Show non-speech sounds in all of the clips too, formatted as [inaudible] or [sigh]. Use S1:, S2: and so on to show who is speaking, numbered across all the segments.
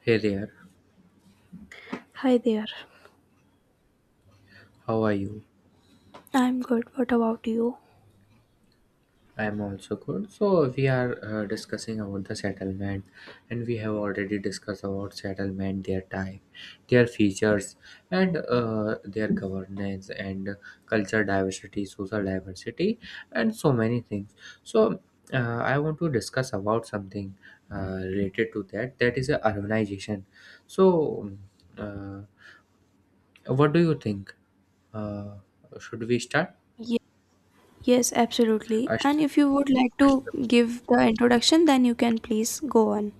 S1: Hey there,
S2: Hi there.
S1: how are you?
S2: I'm good. What about you?
S1: I'm also good. So we are discussing about the settlement, and we have already discussed about settlement, their type, their features, and their governance and culture diversity, social diversity, and so many things. So I want to discuss about something related to that. That is urbanization. So, uh, what do you think? Uh, should we start?
S2: Ye- Yes, absolutely.
S1: Uh, sh-
S2: And if you would like to give the introduction, then you can please go on.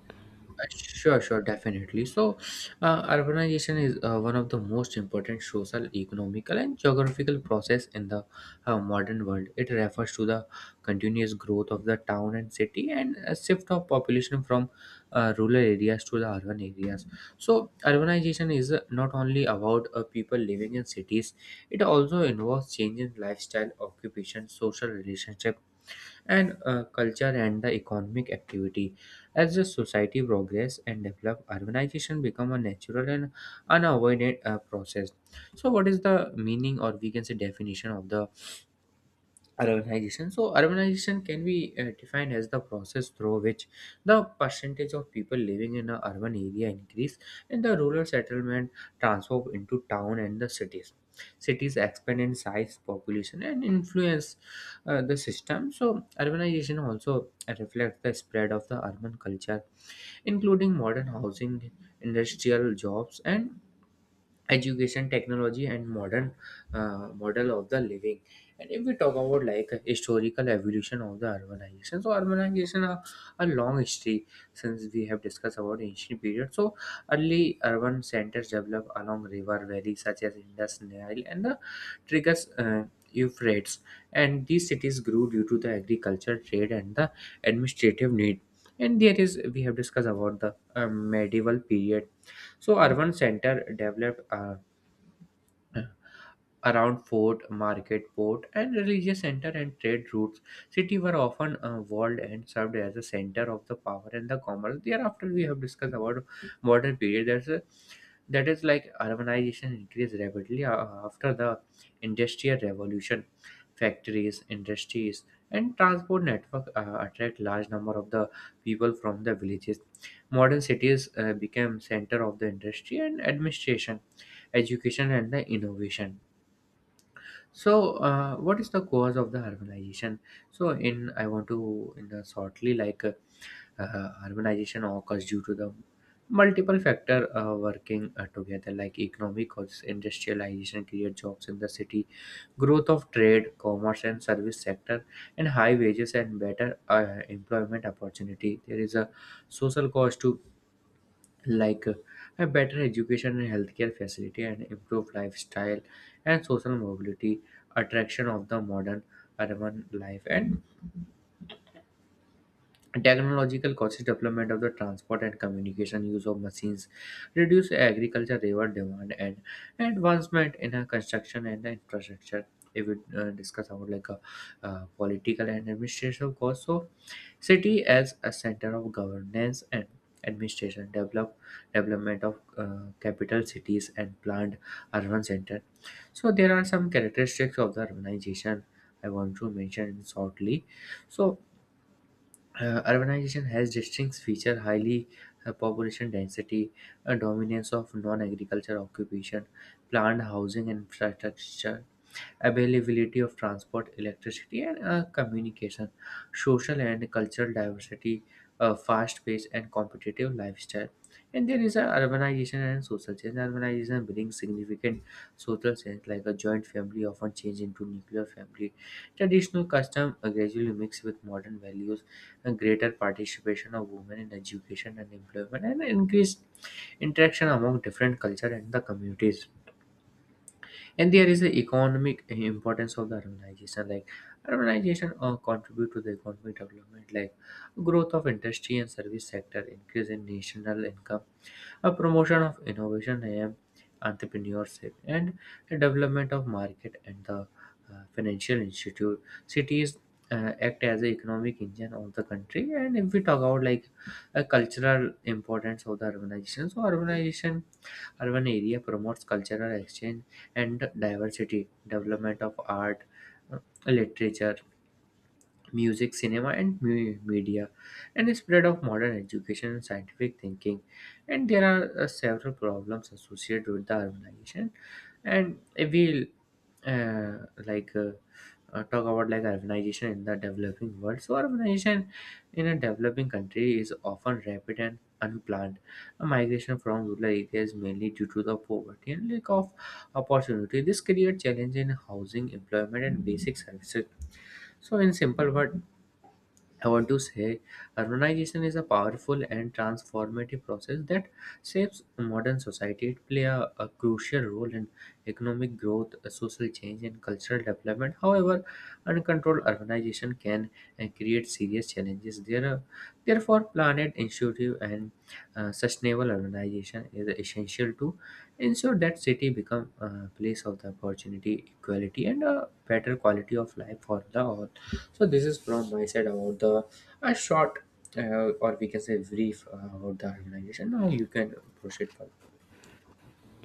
S1: Uh, Sure, sure, definitely. So, urbanization is one of the most important social, economical, and geographical process in the modern world. It refers to the continuous growth of the town and city and a shift of population from rural areas to the urban areas. So, urbanization is not only about people living in cities; it also involves change in lifestyle, occupation, social relationship, and culture and the economic activity. As the society progress and develop, urbanization become a natural and unavoided process. So, what is the meaning, or we can say definition, of the urbanization? So urbanization can be defined as the process through which the percentage of people living in an urban area increase and the rural settlement transform into town and the cities. Cities expand in size, population, and influence the system. So urbanization also reflects the spread of the urban culture, including modern housing, industrial jobs, and education, technology, and modern model of the living. And if we talk about like historical evolution of the urbanization, so urbanization a long history. Since we have discussed about ancient period, so early urban centers developed along river valleys such as Indus, Nile, and the Triggers, Euphrates, and these cities grew due to the agriculture, trade, and the administrative need. And there is, we have discussed about the medieval period. So urban center developed, uh, yeah around fort, market, port, and religious center and trade routes. City were often walled and served as a center of the power and the commerce. Thereafter, we have discussed about modern period. That is like urbanization increased rapidly after the industrial revolution. Factories, industries, and transport network attract large number of the people from the villages. Modern cities became center of the industry and administration, education, and the innovation. So what is the cause of the harmonization? So in, I want to in the shortly, like harmonization occurs due to the multiple factor working together, like economic causes: industrialization create jobs in the city, growth of trade, commerce, and service sector, and high wages and better employment opportunity. There is a social cause to, like a better education and healthcare facility and improved lifestyle and social mobility, attraction of the modern urban life, and technological conscious development of the transport and communication, use of machines reduce agriculture labor demand, and advancement in construction and infrastructure. If we discuss about like a political and administrative cost, so city as a center of governance and administration develop, development of capital cities and planned urban center. So there are some characteristics of the urbanization I want to mention shortly. So urbanization has distinct feature: highly population density, a dominance of non-agriculture occupation, planned housing infrastructure, availability of transport, electricity, and communication, social and cultural diversity, a fast-paced and competitive lifestyle. And there is a urbanization and social change. Urbanization brings significant social change, like a joint family often change into nuclear family. Traditional custom gradually mix with modern values, and greater participation of women in education and employment, and increased interaction among different culture and the communities. And there is the economic importance of the urbanization, like urbanization contribute to the economic development, like growth of industry and service sector, increase in national income, a promotion of innovation and entrepreneurship, and the development of market and the financial institute. Cities act as the economic engine of the country. And if we talk about like a cultural importance of the urbanization, so urban area promotes cultural exchange and diversity, development of art, uh, literature, music, cinema, and media, and the spread of modern education and scientific thinking. And there are several problems associated with the urbanization, and if we uh, like uh, talk about like urbanization in the developing world. So urbanization in a developing country is often rapid and unplanned. A migration from rural areas mainly due to the poverty and lack of opportunity. This creates challenge in housing, employment, and basic services. So in simple word, I want to say urbanization is a powerful and transformative process that shapes modern society. It plays a crucial role in economic growth, social change, and cultural development. However, uncontrolled urbanization can create serious challenges. There are, therefore, planet initiative and sustainable urbanization is essential to ensure that city become a place of the opportunity, equality, and a better quality of life for the all. So this is from my side about the a short, or we can say brief about the organization. Now you can proceed further.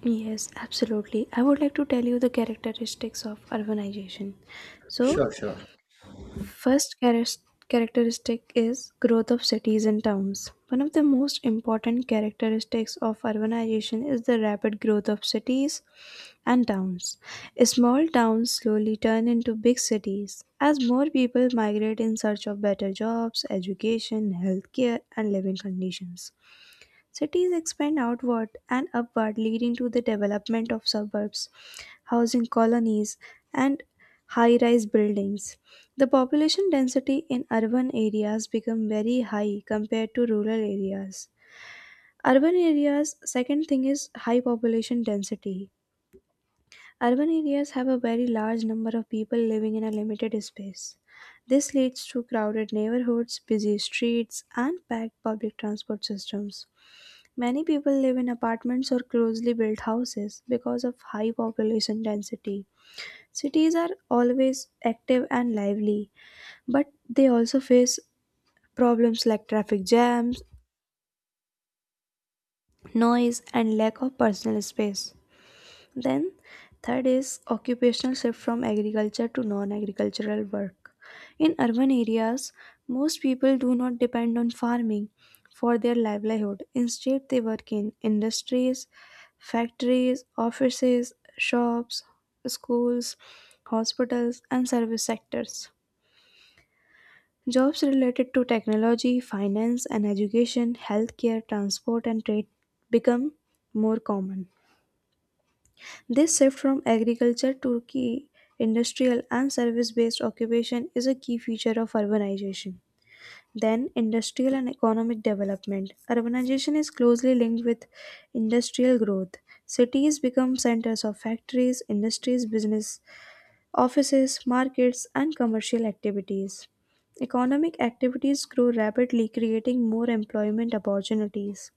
S2: Yes, absolutely. I would like to tell you the characteristics of urbanization. So,
S1: Sure, sure,
S2: first characteristic is growth of cities and towns. One of the most important characteristics of urbanization is the rapid growth of cities and towns. Small towns slowly turn into big cities as more people migrate in search of better jobs, education, healthcare, and living conditions. Cities expand outward and upward, leading to the development of suburbs, housing colonies, and high rise buildings. The population density in urban areas become very high compared to rural areas. Urban areas second thing is high population density. Urban areas have a very large number of people living in a limited space. This leads to crowded neighborhoods, busy streets, and packed public transport systems. Many people live in apartments or closely built houses because of high population density. Cities are always active and lively, but they also face problems like traffic jams, noise, and lack of personal space. Then, third is occupational shift from agriculture to non agricultural work. In urban areas, most people do not depend on farming for their livelihood. Instead, they work in industries, factories, offices, shops, schools, hospitals, and service sectors. Jobs related to technology, finance, and education, healthcare, transport, and trade become more common. This shift from agriculture to key industrial and service based occupation is a key feature of urbanization. Then, industrial and economic development. Urbanization is closely linked with industrial growth. Cities become centers of factories, industries, business, offices, markets, and commercial activities. Economic activities grow rapidly, creating more employment opportunities.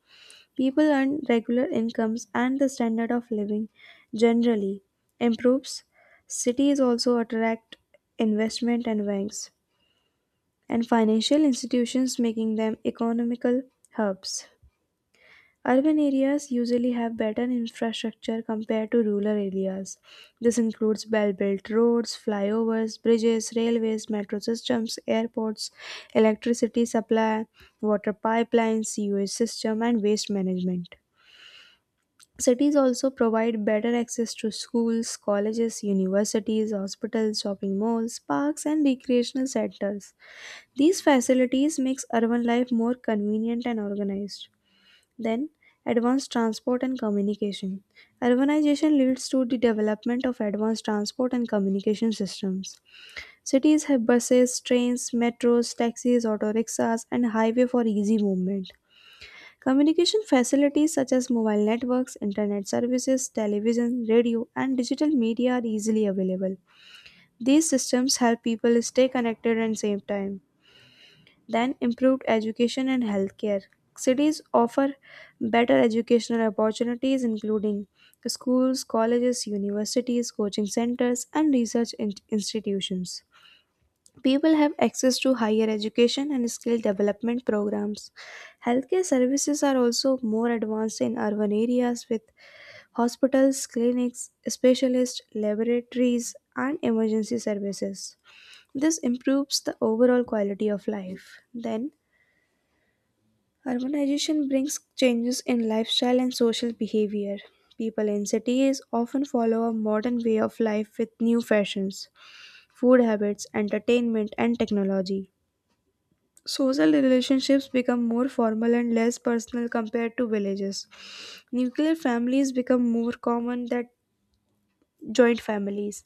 S2: People earn regular incomes and the standard of living generally improves. Cities also attract investment and banks and financial institutions, making them economical hubs. Urban areas usually have better infrastructure compared to rural areas. This includes well built roads, flyovers, bridges, railways, metro systems, airports, electricity supply, water pipelines, sewage system, and waste management. Cities also provide better access to schools, colleges, universities, hospitals, shopping malls, parks, and recreational centers. These facilities makes urban life more convenient and organized. Then, advanced transport and communication. Urbanization leads to the development of advanced transport and communication systems. Cities have buses, trains, metros, taxis, auto rickshaws, and highway for easy movement. Communication facilities such as mobile networks, internet services, television, radio, and digital media are easily available. These systems help people stay connected and save time. Then, improved education and healthcare. Cities offer better educational opportunities, including schools, colleges, universities, coaching centers, and research institutions. People have access to higher education and skill development programs. Healthcare services are also more advanced in urban areas with hospitals, clinics, specialist laboratories, and emergency services. This improves the overall quality of life. Then, urbanization brings changes in lifestyle and social behavior. People in cities often follow a modern way of life with new fashions, food habits, entertainment, and technology. Social relationships become more formal and less personal compared to villages. Nuclear families become more common than joint families.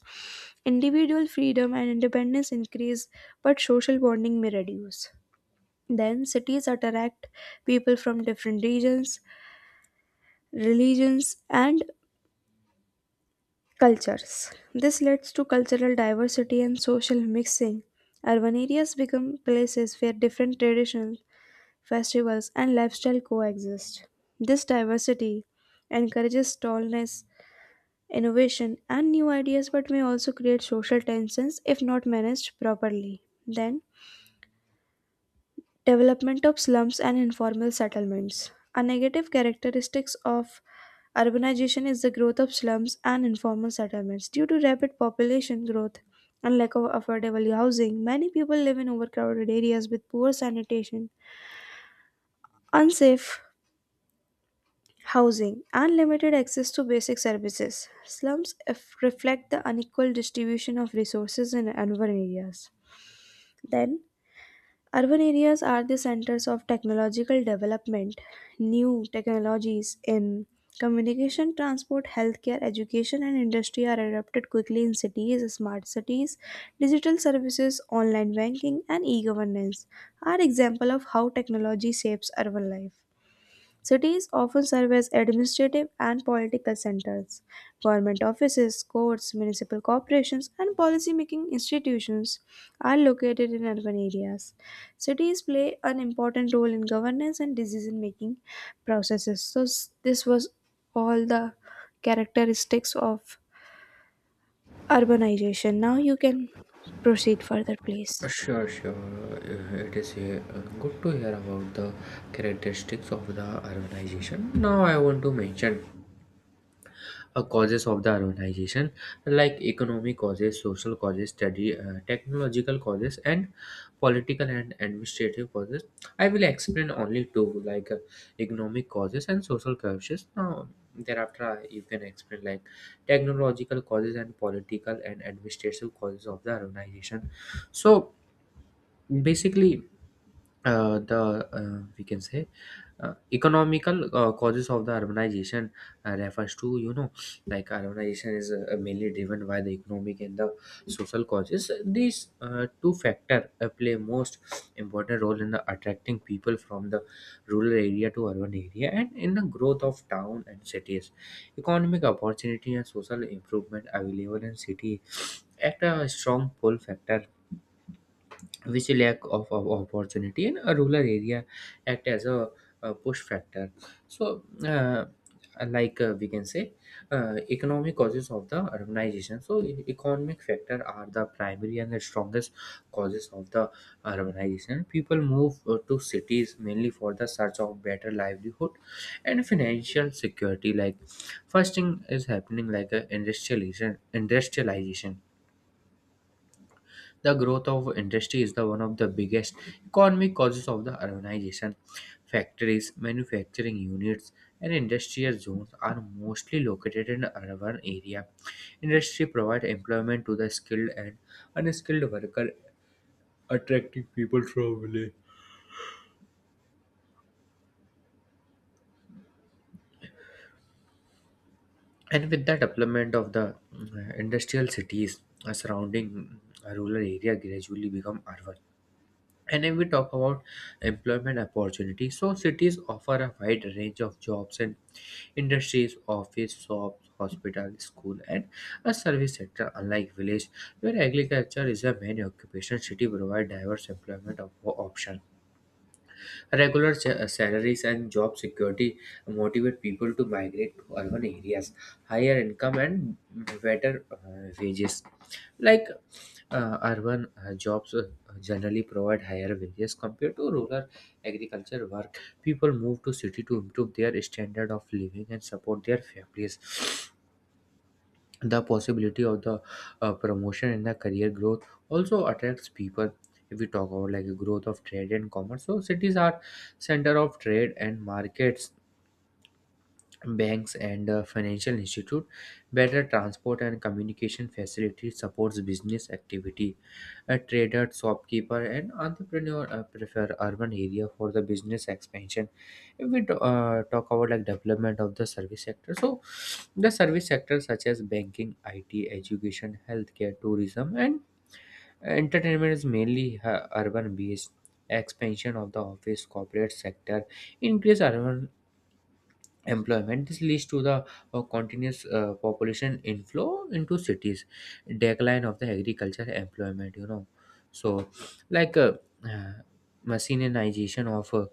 S2: Individual freedom and independence increase, but social bonding may reduce. Then cities attract people from different regions, religions, and cultures. This leads to cultural diversity and social mixing. Urban areas become places where different traditions festivals, and lifestyle coexist. This diversity encourages tallness, innovation, and new ideas, but may also create social tensions if not managed properly. Then, development of slums and informal settlements. A negative characteristic of urbanization is the growth of slums and informal settlements. Due to rapid population growth and lack of affordable housing, many people live in overcrowded areas with poor sanitation, unsafe housing unlimited access to basic services. Slums reflect the unequal distribution of resources in urban areas. Then, urban areas are the centers of technological development, new technologies in communication, transport, healthcare, education, and industry are adopted quickly in cities. Smart cities, digital services, online banking, and e governance are examples of how technology shapes urban life. Cities often serve as administrative and political centers. Government offices, courts, municipal corporations, and policy-making institutions are located in urban areas. Cities play an important role in governance and decision-making processes. So this was all the characteristics of urbanization. Now you can proceed further, please.
S1: sure. It is good to hear about the characteristics of the urbanization. Now I want to mention causes of the urbanization, like economic causes, social causes, study, technological causes, and political and administrative causes. I will explain only two, like economic causes and social causes. Now thereafter, you can explain like technological causes and political and administrative causes of the urbanization. So basically, the we can say economical causes of the urbanization refers to, you know, like urbanization is mainly driven by the economic and the social causes. These two factor play most important role in the attracting people from the rural area to urban area and in the growth of town and cities. Economic opportunity and social improvement available in city act a strong pull factor, which lack of opportunity in a rural area act as a push factor. So we can say economic causes of the urbanization. So economic factor are the primary and the strongest causes of the urbanization. People move to cities mainly for the search of better livelihood and financial security. Like first thing is happening, like a industrialization. Industrialization, the growth of industry, is the one of the biggest economic causes of the urbanization. Factories, manufacturing units, and industrial zones are mostly located in urban area. Industry provide employment to the skilled and unskilled worker, attracting people from village. And with the development of the industrial cities, surrounding rural area gradually become urban. And if we talk about employment opportunities, so cities offer a wide range of jobs and industries, office, shops, hospital, school, and a service sector. Unlike village, where agriculture is a main occupation, city provide diverse employment of options. Salaries and job security motivate people to migrate to urban areas, higher income and better wages. Like urban jobs generally provide higher wages compared to rural agriculture work. People move to city to improve their standard of living and support their families. [sniffs] The possibility of the promotion and the career growth also attracts people. If we talk about like growth of trade and commerce, so cities are center of trade and markets, banks and financial institute, better transport and communication facilities supports business activity. A trader, shopkeeper, and entrepreneur prefer urban area for the business expansion. If we talk about like development of the service sector, so the service sector such as banking, IT, education, healthcare, tourism, and entertainment is mainly urban based. Expansion of the office corporate sector increase urban employment. This leads to the continuous population inflow into cities, decline of the agriculture employment. You know, so like uh, uh, machinization of uh,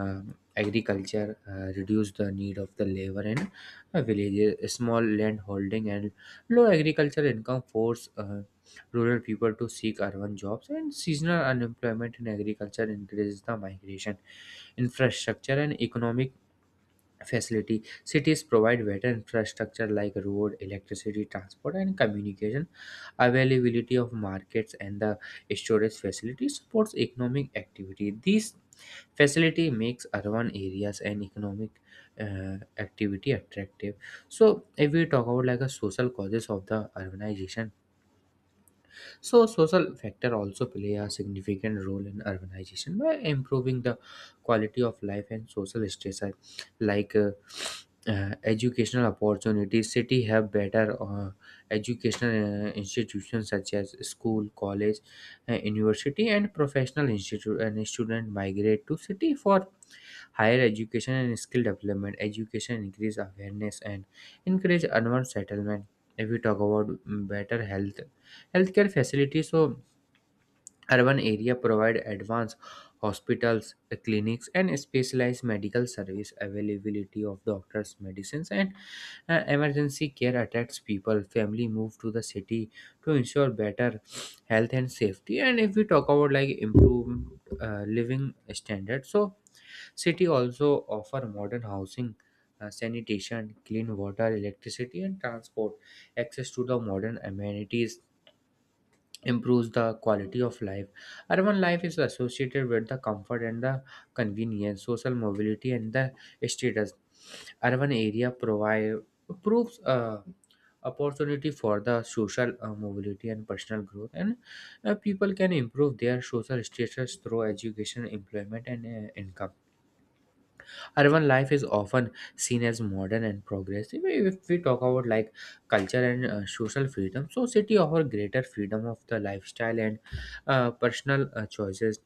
S1: um, agriculture reduce the need of the labor in a villages. Small land holding and low agriculture income force rural people to seek urban jobs, and seasonal unemployment in agriculture increases the migration. Infrastructure and economic facility: cities provide better infrastructure like road, electricity, transport, and communication. Availability of markets and the storage facility supports economic activity. These facility makes urban areas and economic activity attractive. So, if we talk about like a social causes of the urbanization, so social factor also play a significant role in urbanization by improving the quality of life and social stress are like educational opportunities. City have better educational institutions such as school, college, university, and professional institute, and student migrate to city for higher education and skill development. Education increase awareness and encourage urban settlement. If we talk about better health, healthcare facilities, so urban area provide advanced hospitals, clinics, and specialized medical service. Availability of doctors, medicines, and emergency care attracts people. Family move to the city to ensure better health and safety. And if we talk about like improved living standard, so city also offer modern housing, sanitation, clean water, electricity, and transport, access to the modern amenities, improves the quality of life. Urban life is associated with the comfort and the convenience, social mobility, and the status. Urban area provide proves opportunity for the social mobility and personal growth, and people can improve their social status through education, employment, and income. Urban life is often seen as modern and progressive. If we talk about like culture and social freedom, so city offer greater freedom of the lifestyle and personal choices.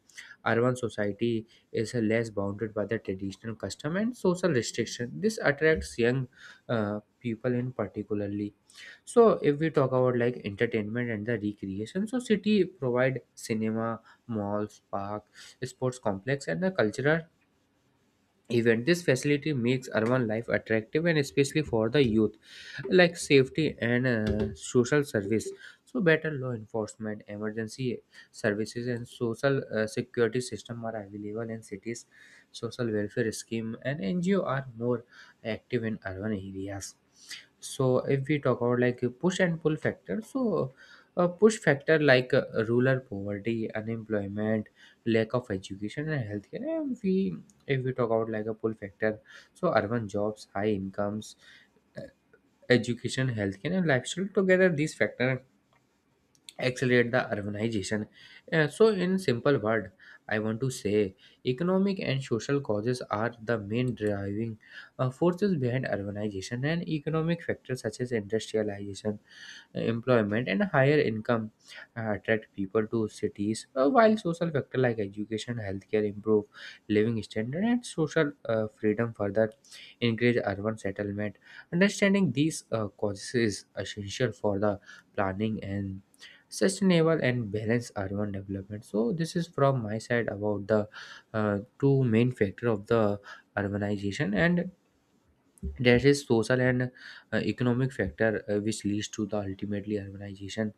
S1: Urban society is less bounded by the traditional custom and social restriction. This attracts young people in particularly. So if we talk about like entertainment and the recreation, so city provide cinema, malls, park, sports complex and the cultural event. This facility makes urban life attractive and especially for the youth, like safety and social service. So better law enforcement, emergency services and social security system are available in cities. Social welfare scheme and NGO are more active in urban areas. So if we talk about like push and pull factor, so a push factor like rural poverty, unemployment, lack of education and healthcare. And we, if we talk about like a pull factor, so urban jobs, high incomes, education, healthcare, and lifestyle. Together, these factors accelerate the urbanization. So, in simple word, I want to say economic and social causes are the main driving forces behind urbanization, and economic factors such as industrialization, employment, and higher income attract people to cities, while social factors like education, healthcare improve living standard, and social freedom further encourage urban settlement. Understanding these causes is essential for the planning and sustainable and balanced urban development. So this is from my side about the two main factor of the urbanization, and that is social and economic factor which leads to the ultimately urbanization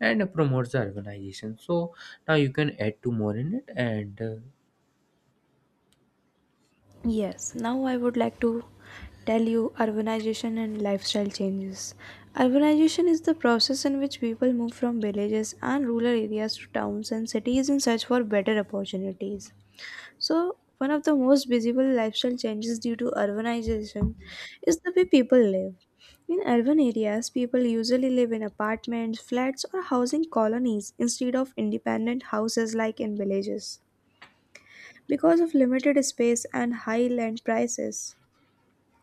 S1: and promotes the urbanization. So now you can add to more in it and
S2: Yes, now I would like to tell you urbanization and lifestyle changes. Urbanization is the process in which people move from villages and rural areas to towns and cities in search for better opportunities. So, one of the most visible lifestyle changes due to urbanization is the way people live. In urban areas, people usually live in apartments, flats, or housing colonies instead of independent houses like in villages because of limited space and high land prices.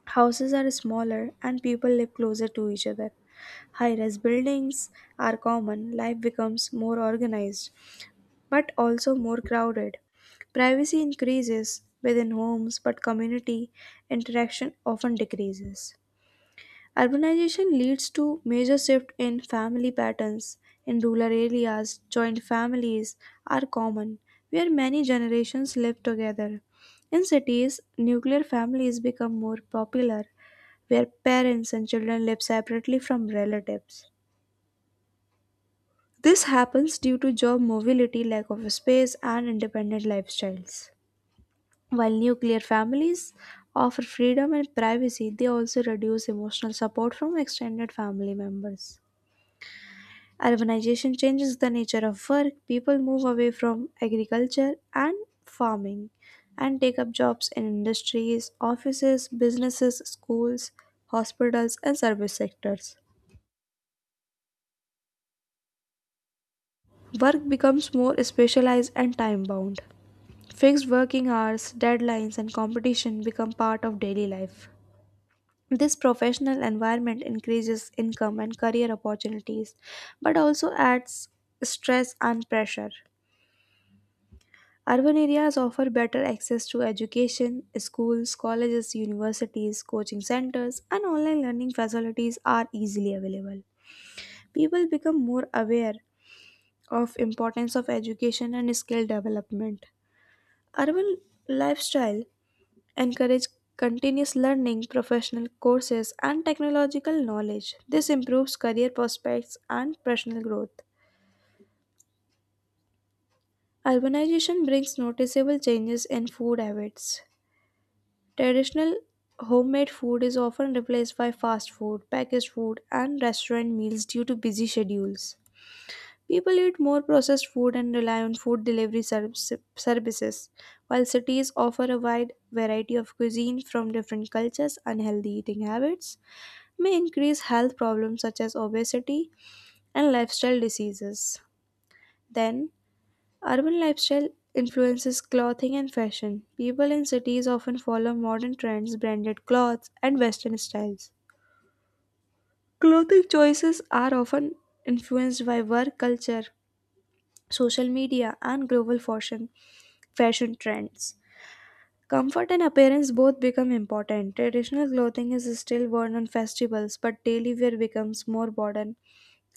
S2: Houses are smaller and people live closer to each other. High rise buildings are common, life becomes more organized but also more crowded. Privacy increases within homes, but community interaction often decreases. Urbanization leads to major shift in family patterns. In rural areas, joint families are common, where many generations live together. In cities, nuclear families become more popular, where parents and children live separately from relatives. This happens due to job mobility, lack of space, and independent lifestyles. While nuclear families offer freedom and privacy, they also reduce emotional support from extended family members. Urbanization changes the nature of work. People move away from agriculture and farming and take up jobs in industries, offices, businesses, schools, hospitals, and service sectors. Work becomes more specialized and time bound. Fixed working hours, deadlines, and competition become part of daily life. This professional environment increases income and career opportunities, but also adds stress and pressure. Urban areas offer better access to education, schools, colleges, universities, coaching centers, and online learning facilities are easily available. People become more aware of importance of education and skill development. Urban lifestyle encourage continuous learning, professional courses, and technological knowledge. This improves career prospects and personal growth. Urbanization brings noticeable changes in food habits. Traditional homemade food is often replaced by fast food, packaged food, and restaurant meals due to busy schedules. People eat more processed food and rely on food services, while cities offer a wide variety of cuisine from different cultures. Unhealthy eating habits may increase health problems such as obesity and lifestyle diseases. Then, urban lifestyle influences clothing and fashion. People in cities often follow modern trends, branded clothes, and western styles. Clothing choices are often influenced by work culture, social media, and global fashion trends. Comfort and appearance both become important. Traditional clothing is still worn on festivals, but daily wear becomes more modern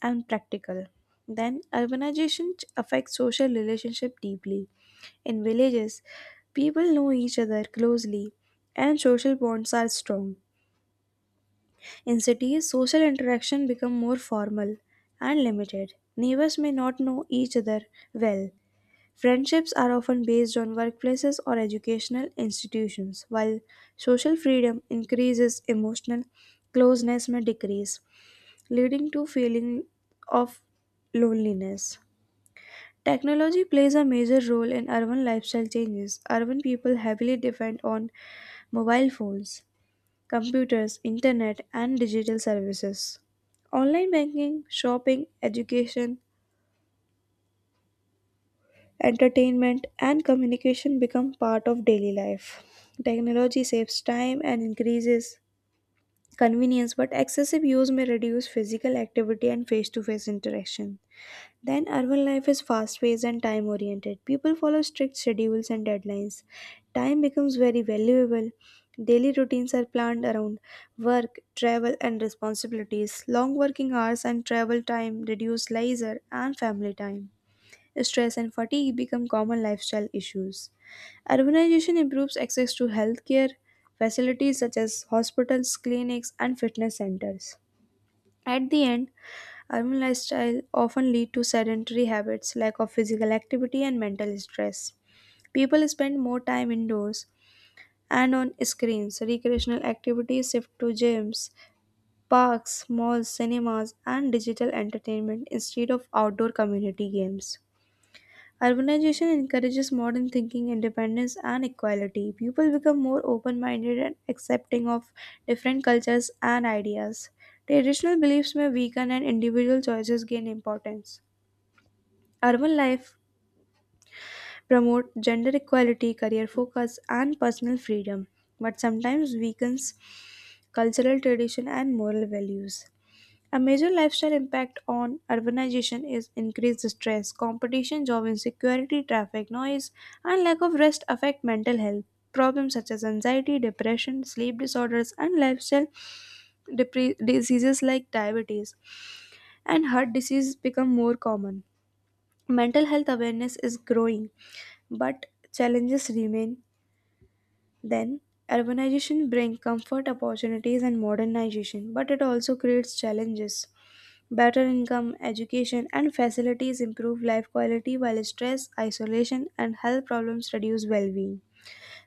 S2: and practical. Then, urbanization affects social relationship deeply. In villages, people know each other closely and social bonds are strong. In cities, social interaction become more formal and limited. Neighbors may not know each other well, friendships are often based on workplaces or educational institutions, while social freedom increases, emotional closeness may decrease, leading to feeling of loneliness. Technology plays a major role in urban lifestyle changes. Urban people heavily depend on mobile phones, computers, internet, and digital services. Online banking, shopping, education, entertainment, and communication become part of daily life. Technology saves time and increases convenience, but excessive use may reduce physical activity and face to face interaction. Then, urban life is fast paced and time oriented. People follow strict schedules and deadlines. Time becomes very valuable. Daily routines are planned around work, travel, and responsibilities. Long working hours and travel time reduce leisure and family time stress, and fatigue become common lifestyle issues. Urbanization improves access to healthcare facilities such as hospitals, clinics, and fitness centers. At the end, urban lifestyle often lead to sedentary habits, lack of physical activity, and mental stress. People spend more time indoors and on screens. Recreational activities shift to gyms, parks, malls, cinemas, and digital entertainment instead of outdoor community games. Urbanization encourages modern thinking, independence, and equality. People become more open minded and accepting of different cultures and ideas. Traditional beliefs may weaken and individual choices gain importance. Urban life promotes gender equality, career focus, and personal freedom, but sometimes weakens cultural tradition and moral values. A major lifestyle impact on urbanization is increased stress, competition, job insecurity, traffic noise, and lack of rest affect mental health. Problems such as anxiety, depression, sleep disorders, and lifestyle diseases like diabetes and heart disease become more common. Mental health awareness is growing, but challenges remain then, urbanization brings comfort, opportunities, and modernization, but it also creates challenges. Better income, education, and facilities improve life quality while stress, isolation, and health problems reduce well being.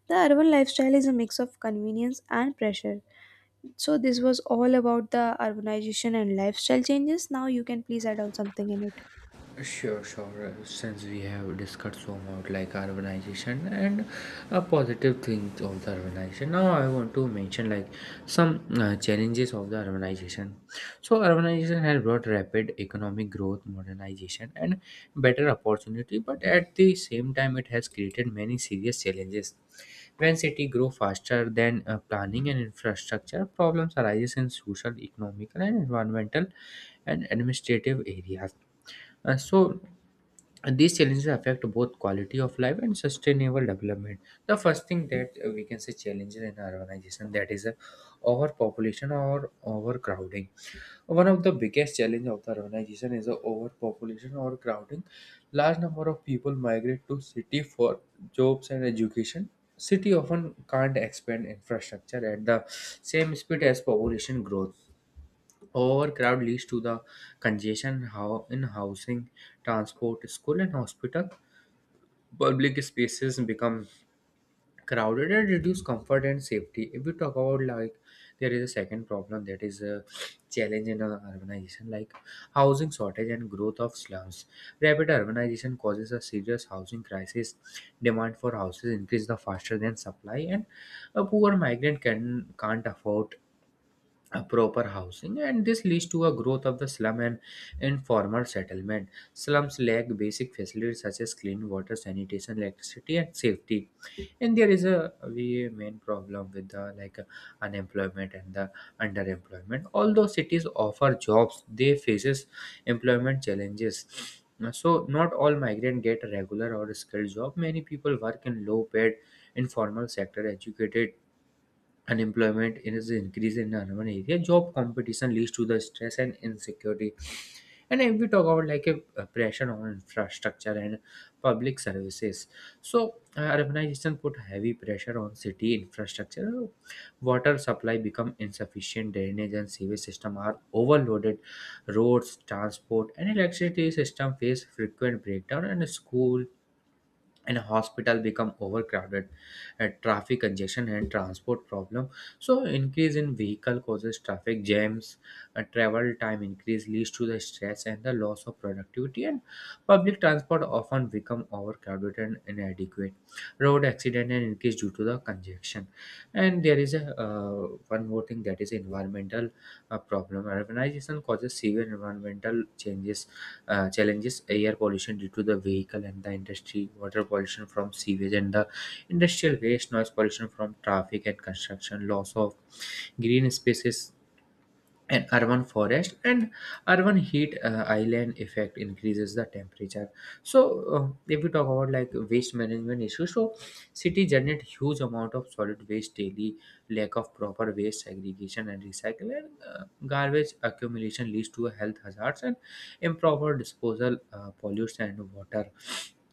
S2: The urban lifestyle is a mix of convenience and pressure. So, this was all about the urbanization and lifestyle changes. Now, you can please add on something in it.
S1: sure, sure. Since we have discussed so much like urbanization and positive things of the urbanization, now I want to mention like some challenges of the urbanization. So, urbanization has brought rapid economic growth, modernization, and better opportunity, but at the same time, it has created many serious challenges. When city grow faster than planning and infrastructure, problems arises in social, economical, and environmental and administrative areas. So, these challenges affect both quality of life and sustainable development. The first thing that we can say challenges in urbanization, that is overpopulation or overcrowding. One of the biggest challenges of the urbanization is the overpopulation or crowding. Large number of people migrate to city for jobs and education. City often can't expand infrastructure at the same speed as population growth. Overcrowd leads to the congestion how in housing, transport, school and hospital. Public spaces become crowded and reduce comfort and safety. If we talk about, like, there is a second problem that is a challenge in urbanization like housing shortage and growth of slums. Rapid urbanization causes a serious housing crisis. Demand for houses increase the faster than supply, and a poor migrant can't afford a proper housing, and this leads to a growth of the slum and informal settlement. Slums lack basic facilities such as clean water, sanitation, electricity and safety. And there is a we main problem with the like unemployment and the underemployment. Although cities offer jobs, they faces employment challenges. So not all migrants get a regular or skilled job. Many people work in low paid informal sector. Educated unemployment is increased in urban area. Job competition leads to the stress and insecurity. And if we talk about like a pressure on infrastructure and public services, so urbanization put heavy pressure on city infrastructure. Water supply become insufficient. Drainage and sewage system are overloaded. Roads, transport and electricity system face frequent breakdown, and school and hospital become overcrowded. Traffic congestion and transport problem, so increase in vehicle causes traffic jams. Travel time increase leads to the stress and the loss of productivity, and public transport often become overcrowded and inadequate. Road accident and increase due to the congestion. And there is a one more thing, that is environmental problem. Urbanization causes severe environmental changes challenges Air pollution due to the vehicle and the industry, water pollution from sewage and the industrial waste, noise pollution from traffic and construction, loss of green spaces and urban forest, and urban heat island effect increases the temperature. So uh, if we talk about like waste management issues, so city generate huge amount of solid waste daily. Lack of proper waste segregation and recycling, garbage accumulation leads to health hazards, and improper disposal pollutes and water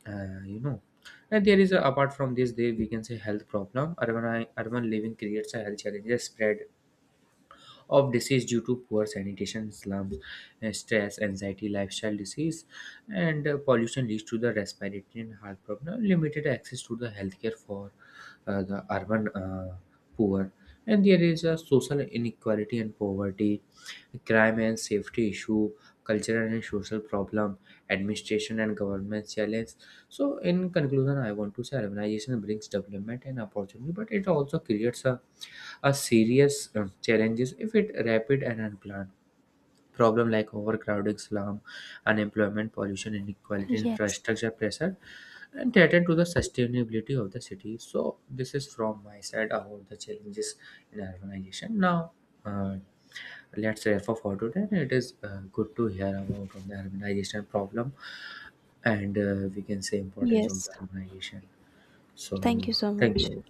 S1: uh, you know and there is a, apart from this, there we can say health problem. Urban living creates a health challenges: spread of disease due to poor sanitation, slums, stress, anxiety, lifestyle disease, and pollution leads to the respiratory and heart problem, limited access to the healthcare for the urban poor. And there is a social inequality and poverty, crime and safety issue, cultural and social problem, administration and government challenge. So, in conclusion, I want to say urbanization brings development and opportunity, but it also creates a serious challenges if it rapid and unplanned. Problem like overcrowding, slum, unemployment, pollution, inequality,
S2: Yes.
S1: infrastructure pressure and threaten to the sustainability of the city. So this is from my side about the challenges in urbanization. Now uh, let's refer for today. It is good to hear about on the urbanization problem, and we can say importance of
S2: Yes,
S1: the urbanization. So
S2: thank you so
S1: thank
S2: much.
S1: you.